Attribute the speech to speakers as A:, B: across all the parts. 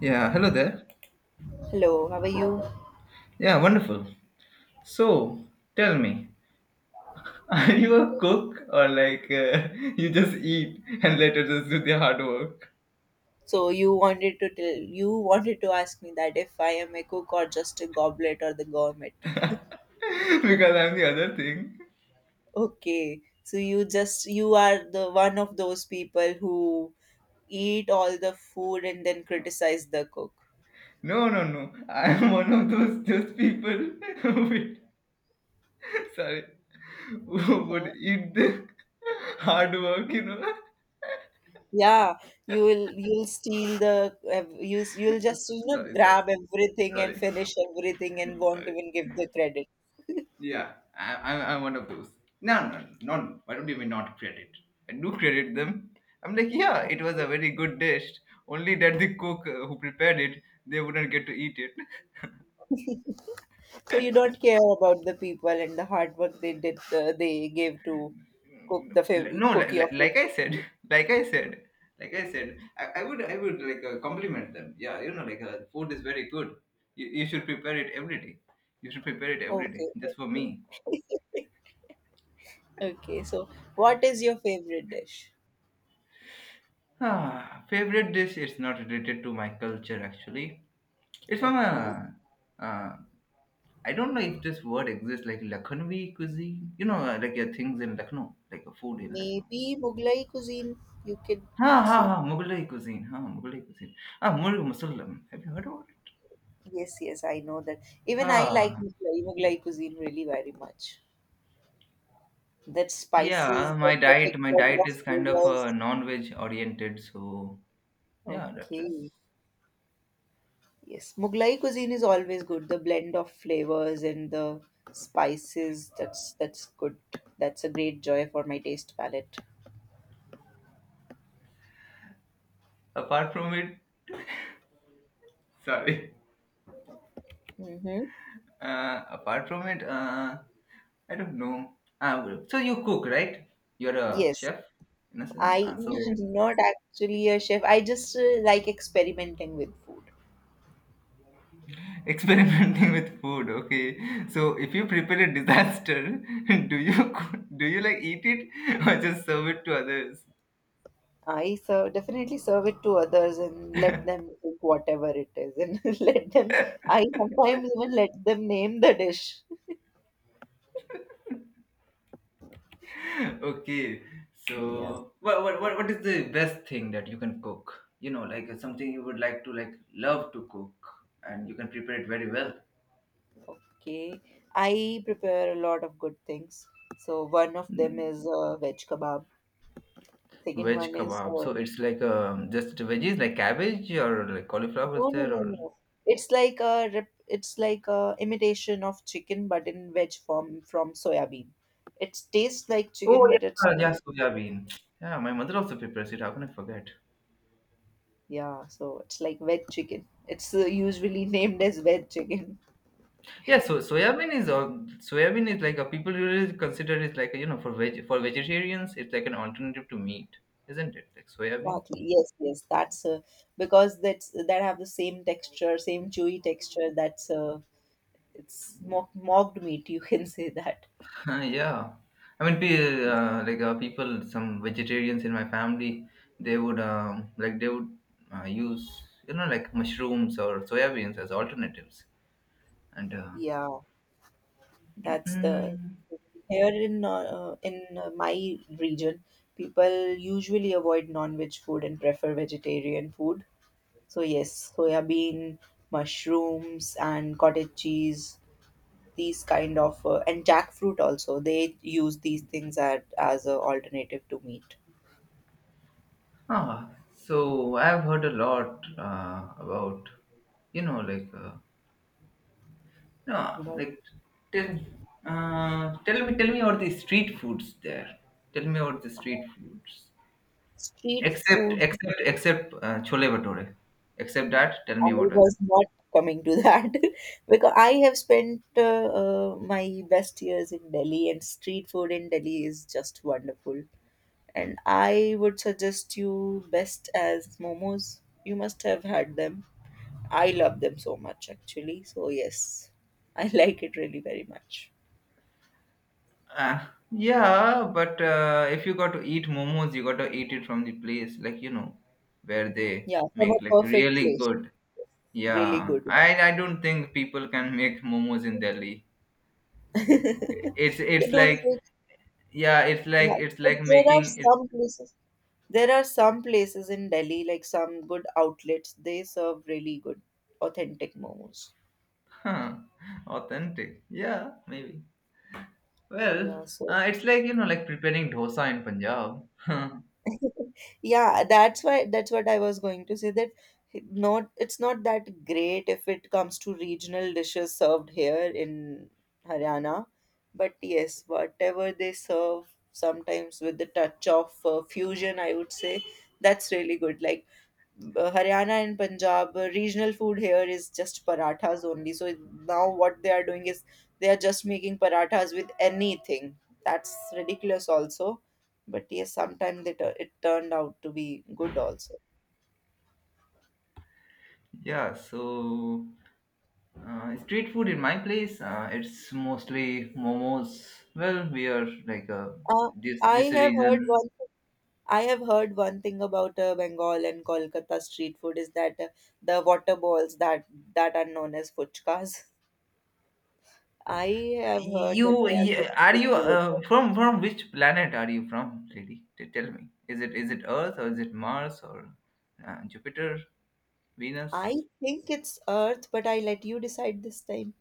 A: Yeah, hello there.
B: Hello, how are you?
A: Yeah, wonderful. So, tell me, are you a cook or like, you just eat and let others do the hard work?
B: So you wanted to ask me that if I am a cook or just a goblet or the gourmet.
A: Because I'm the other thing.
B: Okay. So you are the one of those people who eat all the food and then criticize the cook.
A: No, no, no. I'm one of those people who would, sorry, who would
B: Mhm.
A: eat the hard work.
B: Yeah, you'll steal you'll just
A: Sorry, sorry,
B: grab everything and
A: sorry,
B: finish everything and won't
A: sorry.
B: even give the credit.
A: Yeah, I'm one of those. No, no, no, no. Why don't you mean not credit? I do credit them. I'm like, yeah, it was a very good dish. Only that the cook, who prepared it, they wouldn't get to eat it.
B: So you don't care about the people and the hard work they gave to
A: No,
B: cook your
A: like I
B: favorite
A: said,
B: food.
A: like I said, I would like, compliment them. Yeah, like, food is very good. You should prepare it every day. You should prepare it every day,
B: Okay,
A: just for me.
B: okay. Okay, so what is your favorite dish?
A: Favorite dish is not related to my culture, actually. It's from
B: Okay,
A: a uh, I don't know if this word exists, like Lakhnvi cuisine. Like, things in Lucknow, like a food in Lucknow.
B: maybe Mughlai cuisine. You could
A: Ha ha
B: say.
A: ha, Mughalai cuisine. Ha, Mughalai cuisine. Murug Musallam. Have you heard about it?
B: Yes, yes, I know that. Even I like
A: Ah,
B: Mughlai cuisine really very much. That
A: yeah.
B: spices, the
A: My
B: perfect
A: diet, my
B: blend
A: diet
B: of
A: is kind of,
B: flavors.
A: non-veg oriented. So yeah, that is.
B: Okay. Yes, Mughlai cuisine is always good. The blend of flavors and the spices, that's good. That's a great joy for my taste palette.
A: Apart from it, sorry.
B: Mm-hmm.
A: Apart from it, I don't know. Well, so you cook, right? You're a
B: Yes,
A: chef, in a sense.
B: I
A: So
B: am not actually a chef. I just like experimenting with food.
A: experimenting with food, okay. So if you prepare a disaster, do you like eat it or just serve it to others?
B: I serve, definitely serve it to others and let them cook whatever it is, and let them. I sometimes even let them name the dish.
A: Okay.
B: Yeah.
A: So what is the best thing that you can cook? Like something you would like to, like, love to cook, and you can prepare it very well.
B: Okay, I prepare a lot of good things. So one of them
A: Mm,
B: is veg kebab. Second
A: Veg
B: one is
A: kebab.
B: uh,
A: So it's like, just veggies like cabbage, or like cauliflower is
B: No, no,
A: there,
B: no,
A: or.
B: no. It's like a imitation of chicken, but in veg form from soya bean. It tastes like
A: Oh
B: chicken, but it's
A: yeah, yeah,
B: chicken.
A: soya bean. Yeah, my mother also prepares it. How can I forget?
B: Yeah, so it's like veg chicken. It's usually named as veg chicken.
A: Yeah, so soya bean is like a, people usually consider it like a, for vegetarians it's like an alternative to meat, isn't it? Like soya bean.
B: Exactly. Yes, yes. That's Because that's that have the same texture, same chewy texture. That's It's mocked meat you can say that.
A: Yeah, I mean, like, people, some vegetarians in my family, they would, use, like mushrooms or soya beans as alternatives and.
B: Yeah. that's
A: Uh,
B: the Here in my region people usually avoid non-veg food and prefer vegetarian food, so yes, soya bean, mushrooms, and cottage cheese, these kind of and jackfruit also, they use these things as a alternative to meat.
A: So I've heard a lot, about, like, no,
B: About,
A: like, tell, tell me about the street foods there. Tell me about the
B: uh,
A: street foods.
B: Street
A: Except,
B: food.
A: except, except uh, chole bhature. Except that, tell me
B: I
A: about others.
B: was not coming to that because I have spent my best years in Delhi, and street food in Delhi is just wonderful. And I would suggest you best as momos. You must have had them. I love them so much, actually. So, yes, I like it really very much.
A: Uh, yeah, but, if you got to eat momos, you got to eat it from the place, like, where they
B: Yeah, from a
A: make, like,
B: perfect
A: really
B: place.
A: good.
B: Really
A: Yeah,
B: good one.
A: I don't think people can make momos in Delhi. it's
B: they
A: it's
B: don't
A: like,
B: make.
A: yeah,
B: Yeah,
A: it's
B: but
A: like
B: there are
A: making it.
B: some places. There are some places in Delhi, like some good outlets, they serve really good, authentic momos.
A: huh, Authentic, yeah, maybe. Well,
B: Yeah, so
A: it's like, like preparing dosa in Punjab.
B: yeah, that's what I was going to say that it's not that great if it comes to regional dishes served here in Haryana, but yes, whatever they serve sometimes with the touch of fusion, I would say, that's really good. Like Haryana and Punjab regional food here is just parathas only. Now what they are doing is they are just making parathas with anything. That's ridiculous also. But yes, sometimes it turned out to be good also.
A: Yeah, so, street food in my place, it's mostly momos. Well, we are like,
B: Uh,
A: this
B: I
A: this
B: have heard
A: region.
B: one. I have heard one thing about Bengal and Kolkata street food is that the water balls that are known as fuchkas. I have heard that
A: You
B: they are
A: Yeah, are you,
B: very good.
A: from which planet are you from, lady? Tell me, is it earth, or is it Mars, or Jupiter?
B: I
A: Venus.
B: think it's Earth, but I let you decide this time.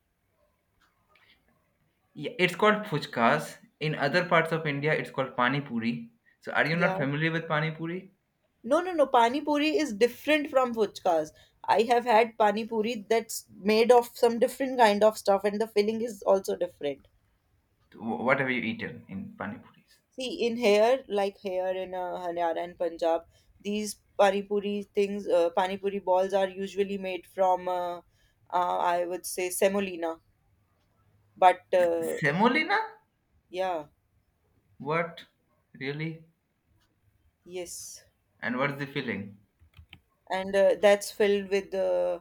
A: Yeah, it's called puchkas. In other parts of India, it's called pani puri. So, are you not
B: Yeah.
A: familiar with pani puri?
B: No, no, no. Pani puri is different from fuchkas. I have had pani puri that's made of some different kind of stuff, and the filling is also different.
A: What have you eaten in pani puris?
B: See, in here, like here in Haryana and Punjab, these pani puri things, pani puri balls are usually made from, I would say, semolina. But
A: Semolina?
B: yeah,
A: What? Really?
B: yes.
A: And what's the filling?
B: And that's filled with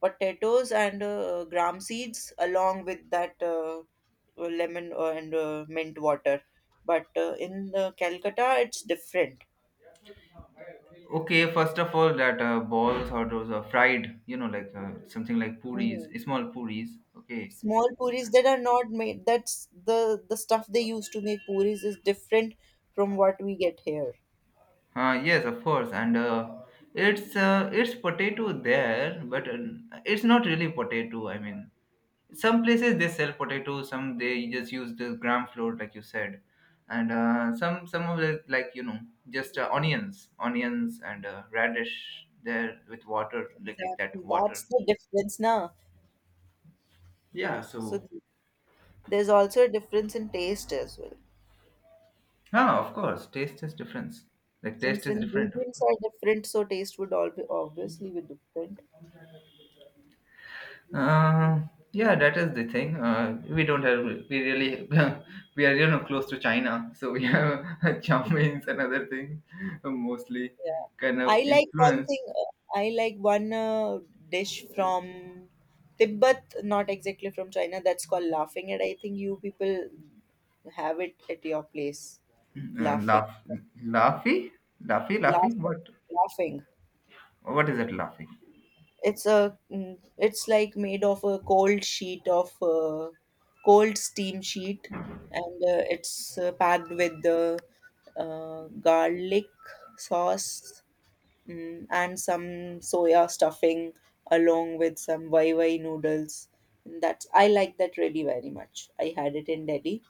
B: potatoes and gram seeds, along with that lemon and mint water. But in Calcutta it's different.
A: Okay, first of all, that, balls, or those are fried, like, something like puris,
B: Mhm.
A: small puris. Okay.
B: Small puris that are not made. That's the stuff they use to make puris is different from what we get here.
A: Yes, of course, and, it's potato there, but, it's not really potato. I mean, some places they sell potatoes, some they just use the gram flour, like you said. And, some of it, like, just, onions, and, radish there with water, like
B: Exactly,
A: that water.
B: that's the difference now.
A: Yeah,
B: so
A: so,
B: th- there's also a difference in taste as well.
A: of course taste is difference. Like, taste
B: Since
A: is different, of
B: ingredients
A: course.
B: are different, so taste would all be obviously be different.
A: uh, yeah, that is the thing. We don't have, we really, we are, close to China, so we have chow mein and other things, mostly,
B: Yeah.
A: kind of influence.
B: I like one dish from Tibet, not exactly from China, that's called laughing. And I think you people have it at your place.
A: Uh,
B: Laughing.
A: laugh, Laughy, laughy, laughy.
B: Laughing.
A: What?
B: Laughing.
A: What is that laughy?
B: It's like made of a cold sheet of, cold steam sheet. And it's packed with the garlic sauce. And some soya stuffing along with some Waiwai noodles. That I like that really very much. I had it in Delhi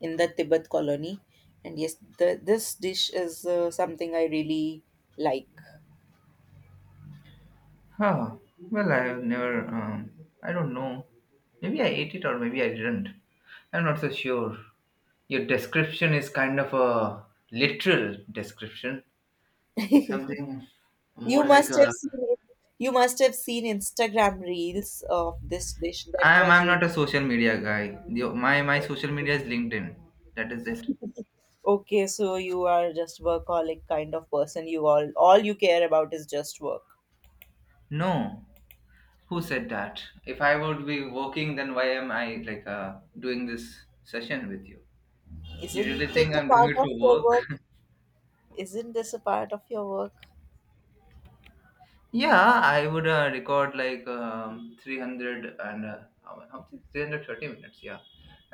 B: in the Tibet colony, and yes, this dish is something I really like.
A: Huh. Well, I've never. I don't know. Maybe I ate it, or maybe I didn't. I'm not so sure. Your description is kind of a literal description. Something
B: You
A: more like
B: must have
A: a.
B: seen it. You must have seen Instagram reels of this dish that was
A: I'm
B: really.
A: not a social media guy. The, my social media is LinkedIn. That is it.
B: Okay. So you are just workaholic kind of person. You all you care about is just work.
A: No. Who said that? If I would be working, then why am I, like, doing this session with you? You
B: Isn't
A: really
B: it
A: think
B: a
A: I'm doing
B: part
A: it
B: of
A: for
B: your
A: work?
B: work? Isn't this a part of your work?
A: Yeah, I would, record like, 300 and, how how much? Is 330 minutes. Yeah,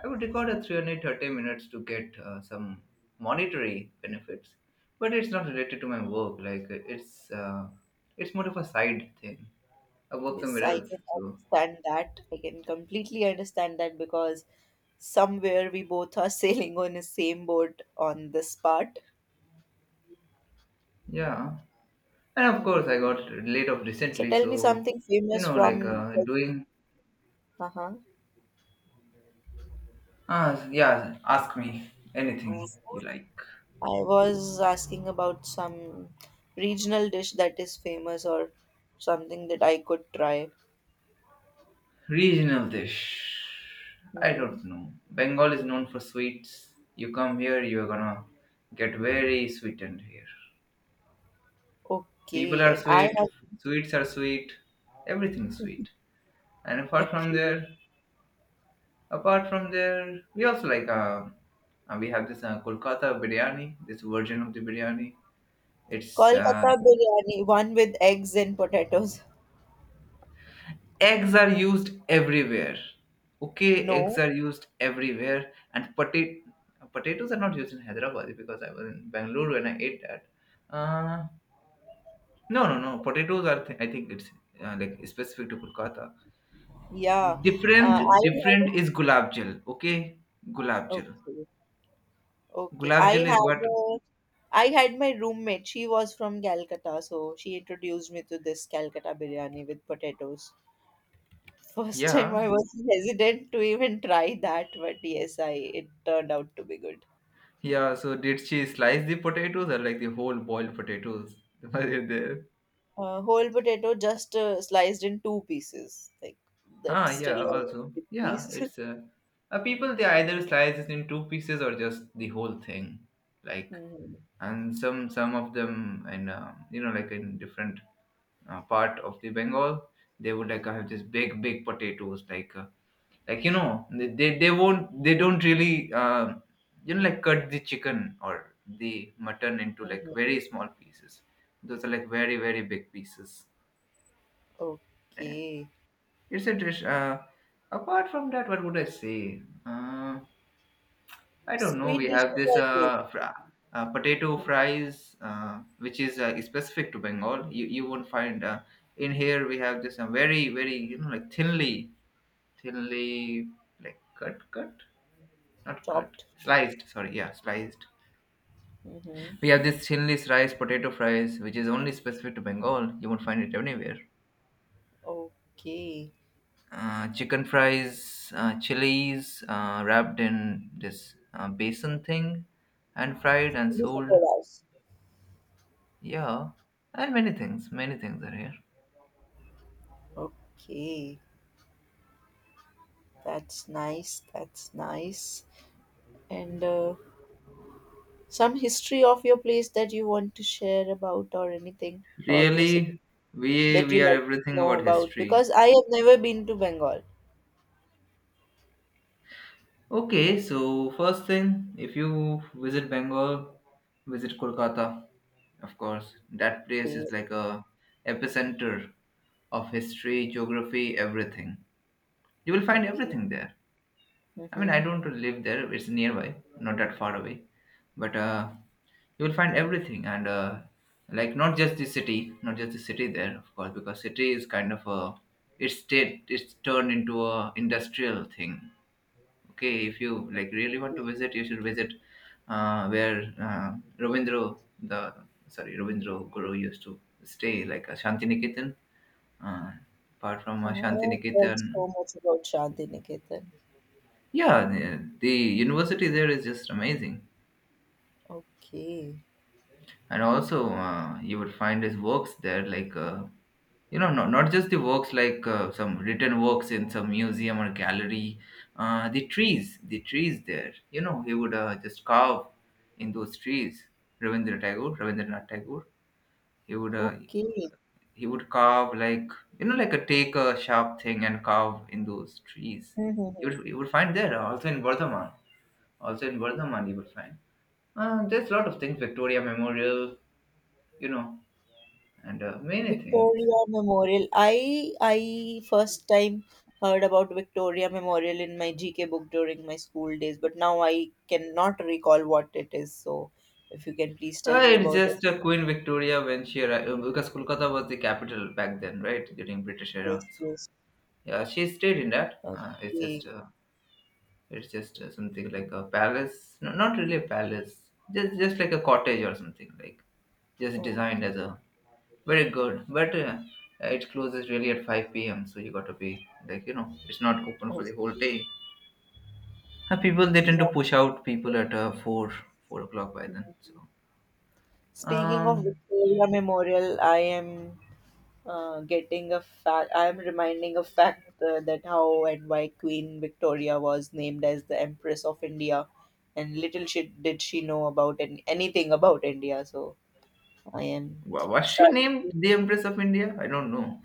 A: I would record a 330 minutes to get, some monetary benefits, but it's not related to my work. Like, it's more of a side thing. I work
B: Yes,
A: somewhere
B: I
A: else.
B: can
A: So
B: understand that. I can completely understand that because somewhere we both are sailing on the same boat on this part.
A: yeah, and of course I got
B: Hmm.
A: laid off
B: So
A: recently.
B: tell me
A: So,
B: something famous
A: like,
B: from.
A: doing.
B: Uh-huh.
A: Yeah. Ask me anything you like.
B: I was asking about some regional dish that is famous or something that I could try.
A: Regional dish. I
B: Hmm.
A: don't know. Bengal is known for sweets. You come here, you're gonna get very sweetened here. People
B: Okay,
A: are
B: and I
A: sweet,
B: have.
A: sweets are sweet, everything's sweet. And
B: Okay.
A: apart from there, we also like, we have this, Kolkata biryani, this version of the biryani. It's,
B: Kolkata biryani, one with eggs and potatoes.
A: eggs are used everywhere, okay, eggs
B: No.
A: are used everywhere, and potatoes are not used in Hyderabad, because I was in Bangalore when I ate that. uh, no, no, no, potatoes are I think it's, like specific to Kolkata.
B: Yeah, uh, I
A: Different is
B: had
A: gulab jal, okay. gulab jal
B: okay, okay.
A: Gulab jal is what?
B: I had my roommate. She was from Calcutta, so she introduced me to this Calcutta biryani with potatoes. First time
A: yeah
B: I was hesitant to even try that, but yes, I it turned out to be good.
A: yeah so did she slice the potatoes, or like the whole boiled potatoes, were they there?
B: Whole potato just sliced in two pieces, like that's still
A: Yeah,
B: a
A: also.
B: big
A: Yeah,
B: piece.
A: it's, people they either slice it in two pieces or just the whole thing. Like,
B: hmm.
A: and some of them in, like in different, part of the Bengal, they would like have just big big potatoes, like, like, they won't, they don't really, like cut the chicken or the mutton into like very small pieces. Those are like very very big pieces. Yeah.
B: Okay,
A: It's a dish. Apart from that, what would I say? I don't know. We
B: sweet
A: have
B: dishes
A: this,
B: are good.
A: potato
B: Mhm.
A: fries, which is, specific to Bengal. You won't find, in here. We have this, very very, like thinly, like cut, cut, not cut,
B: Chopped.
A: sliced. Sorry, yeah, sliced.
B: Hmm.
A: We have this thinly sliced potato fries, which is only specific to Bengal. You won't find it anywhere.
B: Okay.
A: Chicken fries, chilies, wrapped in this, basin thing, and fried and sold.
B: Beautiful house.
A: Yeah, and many things. Many things are here.
B: Okay, that's nice. That's nice. And some history of your place that you want to share about, or anything about your city
A: Really, we
B: that you
A: we are
B: like to
A: everything
B: know
A: about
B: about,
A: history.
B: because I have never been to Bengal.
A: Okay, so first thing, if you visit Bengal, visit Kolkata. Of course, that place
B: Okay,
A: is like a epicenter of history, geography, everything. You will find
B: okay.
A: everything there. I mean,
B: Mm-hmm.
A: I don't live there. It's nearby, not that far away. But, you will find everything, and, like not just the city, not just the city there, of course, because city is kind of a it's state. It's turned into a industrial thing. Okay, if you like really want to visit, you should visit, where, Ravindra, the, sorry, Ravindra Guru used to stay, like a Shantiniketan. Uh, Apart from,
B: I have heard
A: Shantiniketan,
B: so much about Shantiniketan.
A: yeah, the university there is just amazing.
B: Okay,
A: And also, you would find his works there, like, not, not just the works, like, some written works in some museum or gallery. The trees there, he would, just carve in those trees. Rabindranath Tagore, he would uh,
B: okay.
A: he would carve like, like, a take a sharp thing and carve in those trees. you
B: Mm-hmm.
A: would, you would find there, also in Vardhaman. You would find, there's a lot of things, Victoria Memorial, you know and, many things.
B: Victoria Memorial. I first time heard about Victoria Memorial in my GK book during my school days, but now I cannot recall what it is. So if you can please tell me
A: It's
B: about it.
A: just, Queen Victoria, when she arrived, because Kolkata was the capital back then, right? During British era,
B: Yes,
A: so
B: yes.
A: yeah, she stayed in that. It's just,
B: Okay.
A: uh, it's just uh, something like a palace. No, not really a palace. Just like a cottage, or something like, just
B: Oh,
A: designed as a, very good. But, it closes really at 5 p.m. So you got to be like, it's not open for the whole
B: okay.
A: day. People they tend to
B: Yeah.
A: push out people at four, 4 o'clock by
B: Mm.
A: then. So.
B: Speaking of
A: Um,
B: Victoria Memorial, I am reminding a fact that how and why Queen Victoria was named as the Empress of India, and little she did she know about anything about India. So I am
A: Was she
B: starting
A: named
B: to-.
A: the Empress of India? I don't know.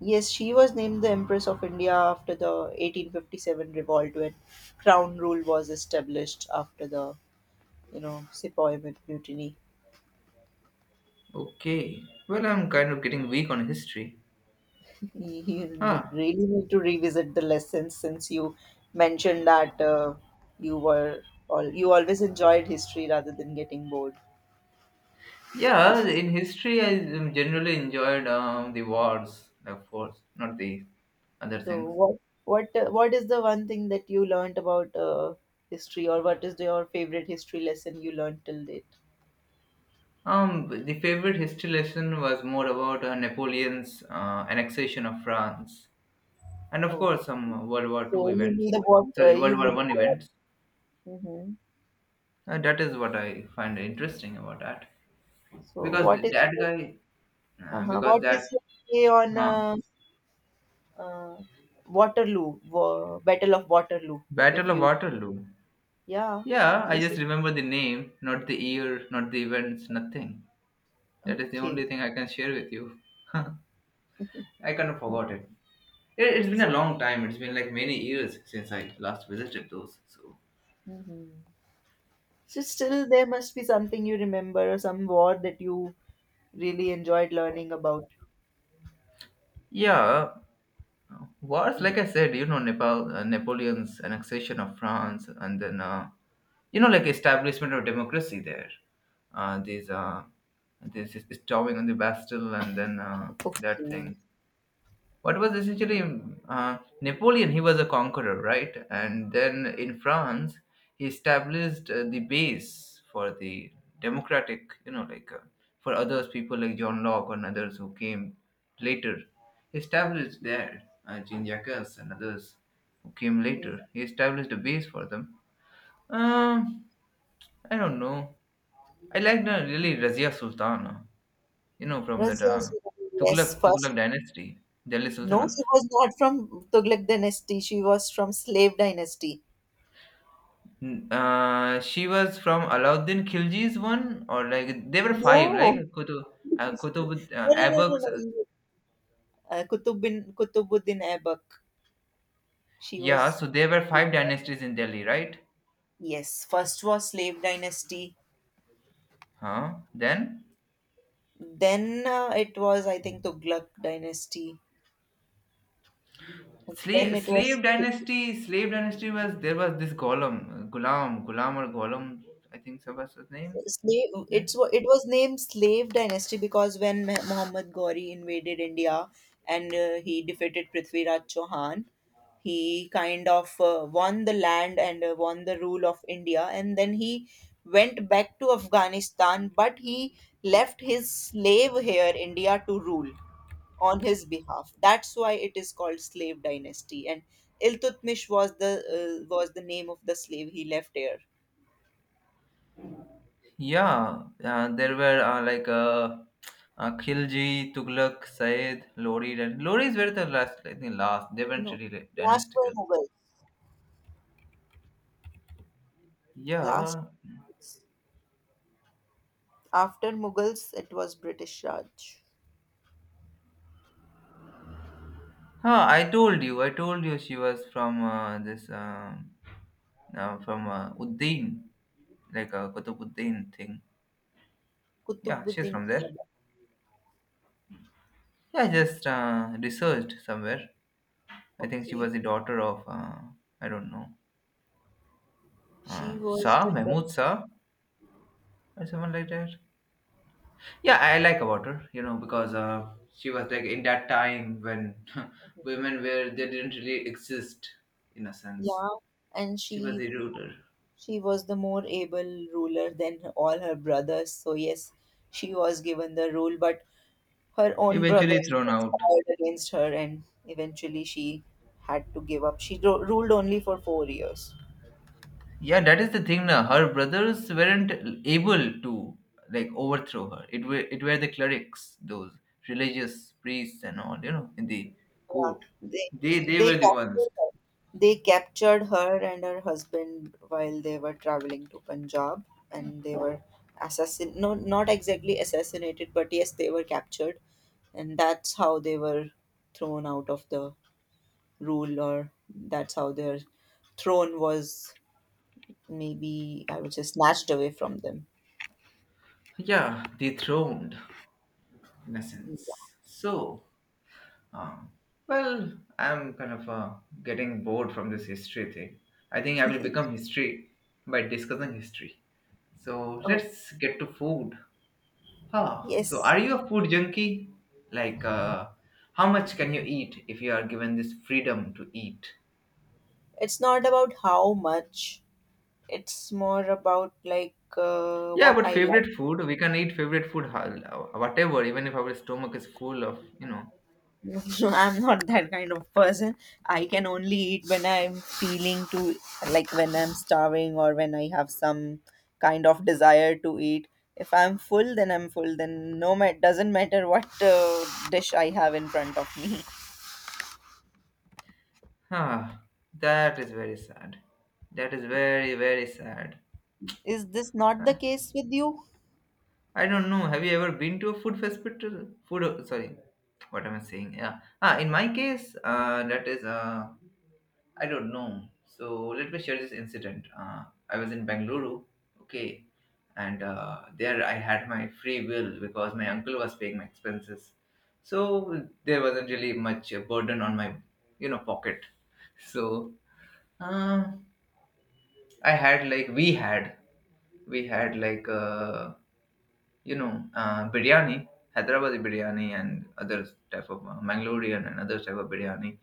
B: Yes, she was named the Empress of India after the 1857 revolt when crown rule was established after the Sepoy mutiny.
A: Okay. Well, I'm kind of getting weak on history.
B: He
A: Huh.
B: really need to revisit the lessons since you mentioned that you were all you always enjoyed history rather than getting bored.
A: Yeah, in history, I generally enjoyed the wars, of course, not the other
B: So
A: things.
B: what is the one thing that you learned about history, or what is your favorite history lesson you learned till date?
A: But the favorite history lesson was more about Napoleon's annexation of France, and of
B: Oh,
A: course, some World War
B: so
A: Two
B: you mean
A: events.
B: what
A: Sorry,
B: you
A: World War
B: mean?
A: One events.
B: Hmm.
A: That is what I find interesting about that,
B: So
A: because that guy, because
B: what is
A: that,
B: your say on
A: huh,
B: uh, Battle of Waterloo? If
A: Battle of
B: you.
A: Waterloo.
B: Yeah.
A: Yeah, I
B: You.
A: just remember the name, not the year, not the events, nothing. That is the
B: Okay.
A: only thing I can share with you. I kind of
B: So,
A: forgot it. It's been a
B: so
A: long time. It's been like many years since I last visited those. So
B: Mhm. So still there must be something you remember or some war that you really enjoyed learning about.
A: yeah, wars
B: Mhm.
A: like I said, you know, Nepal, Napoleon's annexation of France, and then you know, like establishment of democracy there. These This is storming on the Bastille, and then that
B: Okay.
A: thing. What was essentially Napoleon, he was a conqueror, right? And then in France, he established the base for the democratic, you know, for others, people like John Locke and others who came later. He established there, Jean Jacques and others who came later. He established a base for them. Um, I don't know. I liked really Razia Sultana, you know, from that
B: Razia Surani, yes,
A: Tughlaq,
B: first.
A: Tughlaq dynasty, Delhi
B: No, she
A: Sultanate.
B: was not from Tughlaq dynasty. She was from slave dynasty.
A: Mm, she was from Alauddin Khilji's one, or like they were five, like
B: No.
A: Kutub,
B: No, no, no, no,
A: Aibaks.
B: no. Kutubuddin Aibak. She
A: Yeah,
B: was.
A: so there were five dynasties in Delhi, right?
B: Yes, first was slave dynasty.
A: Huh? Then
B: Then it was, I think, Tughlaq dynasty. Then
A: slave
B: it was
A: slave dynasty, slave dynasty was there was this Golem, Gulam, Gulam or Golem, I think so was his name.
B: slave. It was named slave dynasty because when Muhammad Ghori invaded India, and he defeated Prithviraj Chauhan, he kind of won the land and won the rule of India, and then he went back to Afghanistan, but he left his slave here India to rule on his behalf. That's why it is called slave dynasty. And Iltutmish was the name of the slave he left here.
A: Yeah, there were Khilji, Tughlaq, Said, Lori. And Loris were the last, I think, last. They weren't
B: No,
A: really
B: last were
A: dynastical.
B: Mughals. Last
A: Yeah.
B: after Mughals, it was British Raj.
A: Huh, I told you she was from this, from Uddin, Qutbuddin thing. Yeah, she's
B: Kutubuddin
A: from there.
B: Aiba.
A: Yeah, I just researched somewhere. I think she
B: Okay,
A: was the daughter of, I don't know,
B: she was
A: Shah,
B: the de-.
A: Mahmud Shah, or someone like that. Yeah, I like about her, you know, because she was like in that time when women were, they didn't really exist in a sense.
B: Yeah, and
A: She was
B: she
A: the ruler.
B: she was the more able ruler than all her brothers. So yes, she was given the rule, but her own
A: Eventually
B: brothers
A: thrown out.
B: conspired against her, and eventually she had to give up. She ruled only for 4 years.
A: Yeah, that is the thing. Now, her brothers weren't able to like overthrow her. It were the clerics, those religious priests and all, you know, in the
B: Yeah,
A: court.
B: they
A: They
B: they
A: were the
B: captured
A: ones.
B: her. They captured her and her husband while they were traveling to Punjab, and they were assassin. No, not exactly assassinated, but yes, they were captured, and that's how they were thrown out of the rule, or that's how their throne was maybe I would say snatched away from them.
A: Yeah, dethroned in a sense. So, um, well, I'm kind of getting bored from this history thing. I think I will become history by discussing history. So
B: Oh,
A: let's get to food. Huh. So,
B: yes.
A: are you a food junkie? Like, uh, how much can you eat if you are given this freedom to eat?
B: It's not about how much. It's more about
A: Yeah,
B: what
A: but
B: I like.
A: favorite food, we can eat favorite food, hal- whatever, even if our stomach is full of, you know.
B: No, I'm not that kind of person. I can only eat when I'm feeling to, like when I'm starving or when I have some kind of desire to eat. If I'm full, then I'm full. Then no, it doesn't matter what dish I have in front of me.
A: Huh. That is very sad. That is very, very sad.
B: Is this not the
A: Uh,
B: case with you?
A: I don't know. Have you ever been to a food festival? Food, sorry, what am I saying? Yeah. Ah, in my case, that is I don't know. So let me share this incident. I was in Bangalore, okay, and there I had my free will because my uncle was paying my expenses. So there wasn't really much burden on my, you know, pocket. So uh, I had like we had you know, biryani, Hyderabadi biryani, and other type of Mangalorean and other type of biryani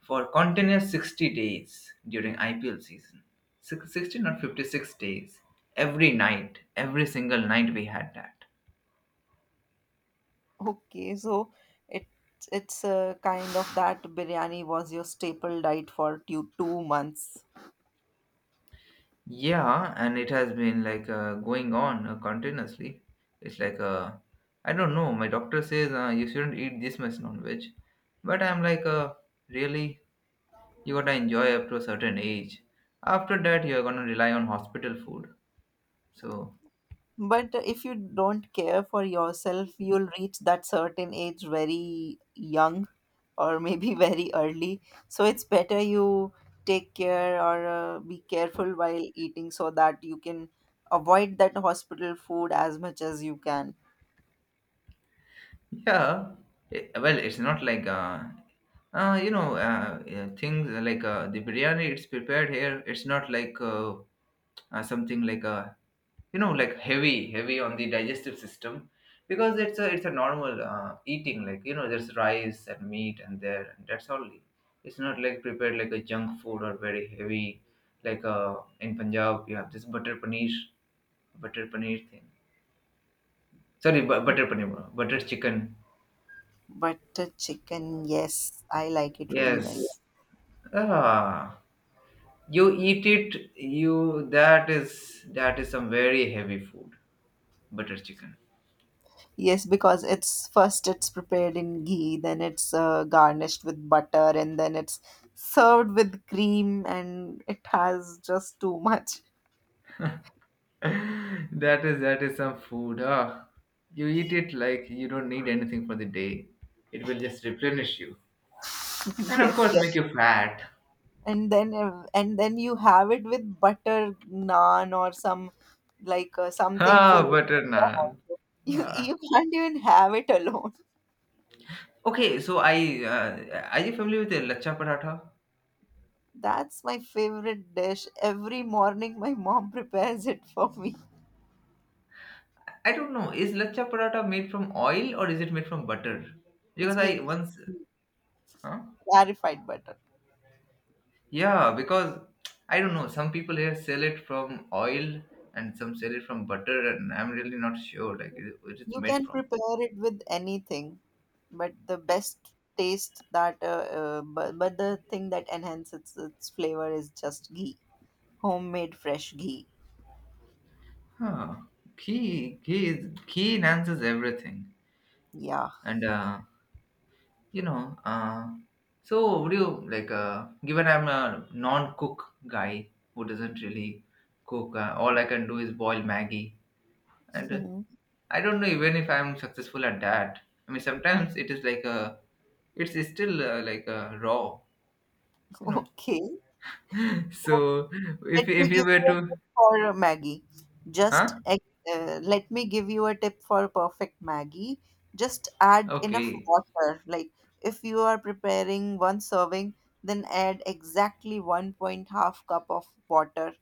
A: for continuous 60 days during IPL season. 60, not 56 days. Every night, every single night we had that.
B: Okay, so it it's a kind of that biryani was your staple diet for two two months.
A: Yeah, and it has been like going on continuously. It's like, uh, I don't know, my doctor says you shouldn't eat this much non veg. But I'm like, really? You gotta enjoy up to a certain age. After that, you're gonna rely on hospital food. So
B: But if you don't care for yourself, you'll reach that certain age very young or maybe very early. So it's better you take care or be careful while eating so that you can avoid that hospital food as much as you can.
A: yeah, eh, well, it's not things like the biryani. It's prepared here. It's not something you know, like heavy, heavy on the digestive system, because it's a normal eating. Like you know, there's rice and meat and there, and that's all. It's not like prepared like a junk food or very heavy. Like uh, in Punjab, you have this butter paneer butter paneer thing. Sorry, butter paneer, bro. Butter chicken.
B: But chicken, yes, I like it really very.
A: Yes. Ah, you eat it. You that is some very heavy food. Butter chicken.
B: Yes, because it's first it's prepared in ghee, then it's garnished with butter, and then it's served with cream, and it has just too much.
A: That is some food. Ah, you eat it like you don't need anything for the day. It will just replenish you, and of
B: Yes,
A: course make
B: yes.
A: you fat.
B: And then and then you have it with butter naan or some like something
A: Ah,
B: full of
A: butter naan.
B: alcohol. You
A: Ah.
B: you can't even have it alone.
A: Okay, so I are you familiar with the lachcha paratha?
B: That's my favorite dish. Every morning, my mom prepares it for me.
A: I don't know. Is lachcha paratha made from oil or is it made from butter? Because
B: It's made
A: I
B: with
A: once, huh?
B: clarified butter.
A: Yeah, because I don't know. Some people here sell it from oil and some sell it from butter, and I'm really not sure like it, what it's
B: You
A: made
B: can
A: from.
B: prepare it with anything, but the best taste that but the thing that enhances its flavor is just ghee. Homemade fresh ghee.
A: Huh? Ghee enhances everything,
B: Yeah.
A: and you know, so would you like? Given I'm a non-cook guy who doesn't really cook, all I can do is boil Maggie and. I don't know even if I'm successful at that. I mean, sometimes it is like a, it's still like a raw, you know.
B: Okay. So
A: So
B: let
A: if
B: me
A: you
B: give
A: were
B: you a
A: to,
B: tip for Maggie. Just
A: huh?
B: ex- Let me give you a tip for perfect Maggie. Just add enough
A: Okay,
B: water. Like if you are preparing one serving, then add exactly one point half cup of water,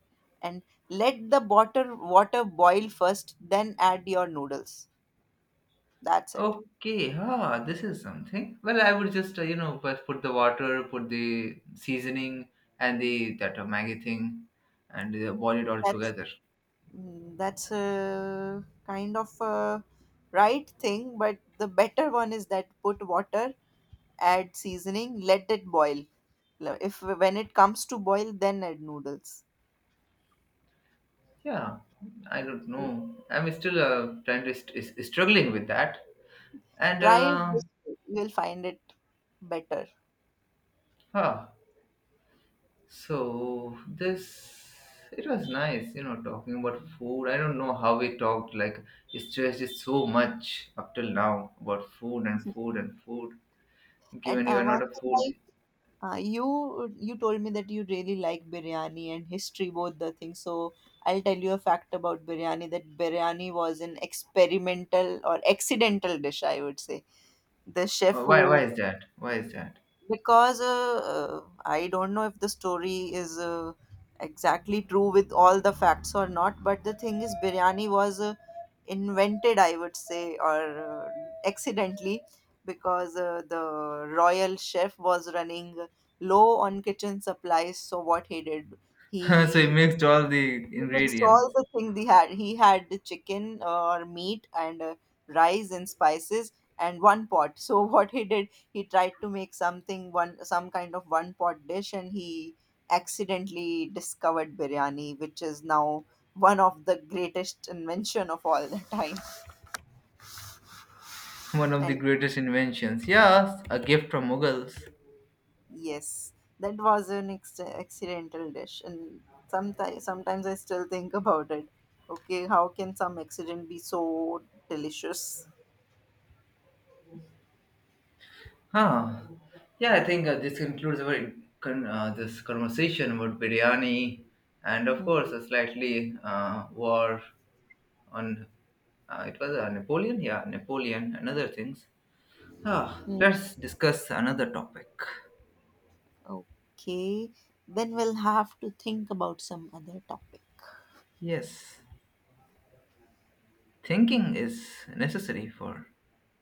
B: and let the water boil first. Then add your noodles. That's it.
A: okay, ah, this is something. Well, I would just you know put the water, put the seasoning, and the that Maggi thing, and boil it all
B: That's
A: together.
B: that's a kind of a right thing, but the better one is that put water, add seasoning, let it boil. If when it comes to boil, then add noodles.
A: Yeah, I don't know. I'm still trying to struggling with that, and
B: Try it this way; you will find it better.
A: huh. So this it was nice, you know, talking about food. I don't know how we talked, like we stressed it so much up till now about food and food and food.
B: And
A: Given you are
B: One
A: not a
B: thing
A: food,
B: I, you told me that you really like biryani and history, both the things. So I'll tell you a fact about biryani that biryani was an experimental or accidental dish, I would say. The chef
A: Why
B: who
A: is that? Why is that?
B: because I don't know if the story is exactly true with all the facts or not. But the thing is, biryani was invented, I would say, or accidentally, because the royal chef was running low on kitchen supplies. So what he did,
A: So he
B: he
A: mixed all the
B: mixed all
A: ingredients.
B: the thing they had. He had the chicken or meat and rice and spices and one pot. So what he did, he tried to make some kind of one pot dish, and he accidentally discovered biryani, which is now one of the greatest invention of all the time.
A: One of the
B: And
A: greatest inventions. Yes, a gift from Mughals.
B: yes, that was an accidental dish, and sometimes I still think about it. Okay, how can some accident be so delicious?
A: Huh. Yeah, I think this concludes our this conversation about biryani and, of course, a slightly war on. It was Napoleon, yeah, Napoleon and other things. Ah, let's discuss another topic.
B: Okay, then we'll have to think about some other topic.
A: Yes, thinking is necessary for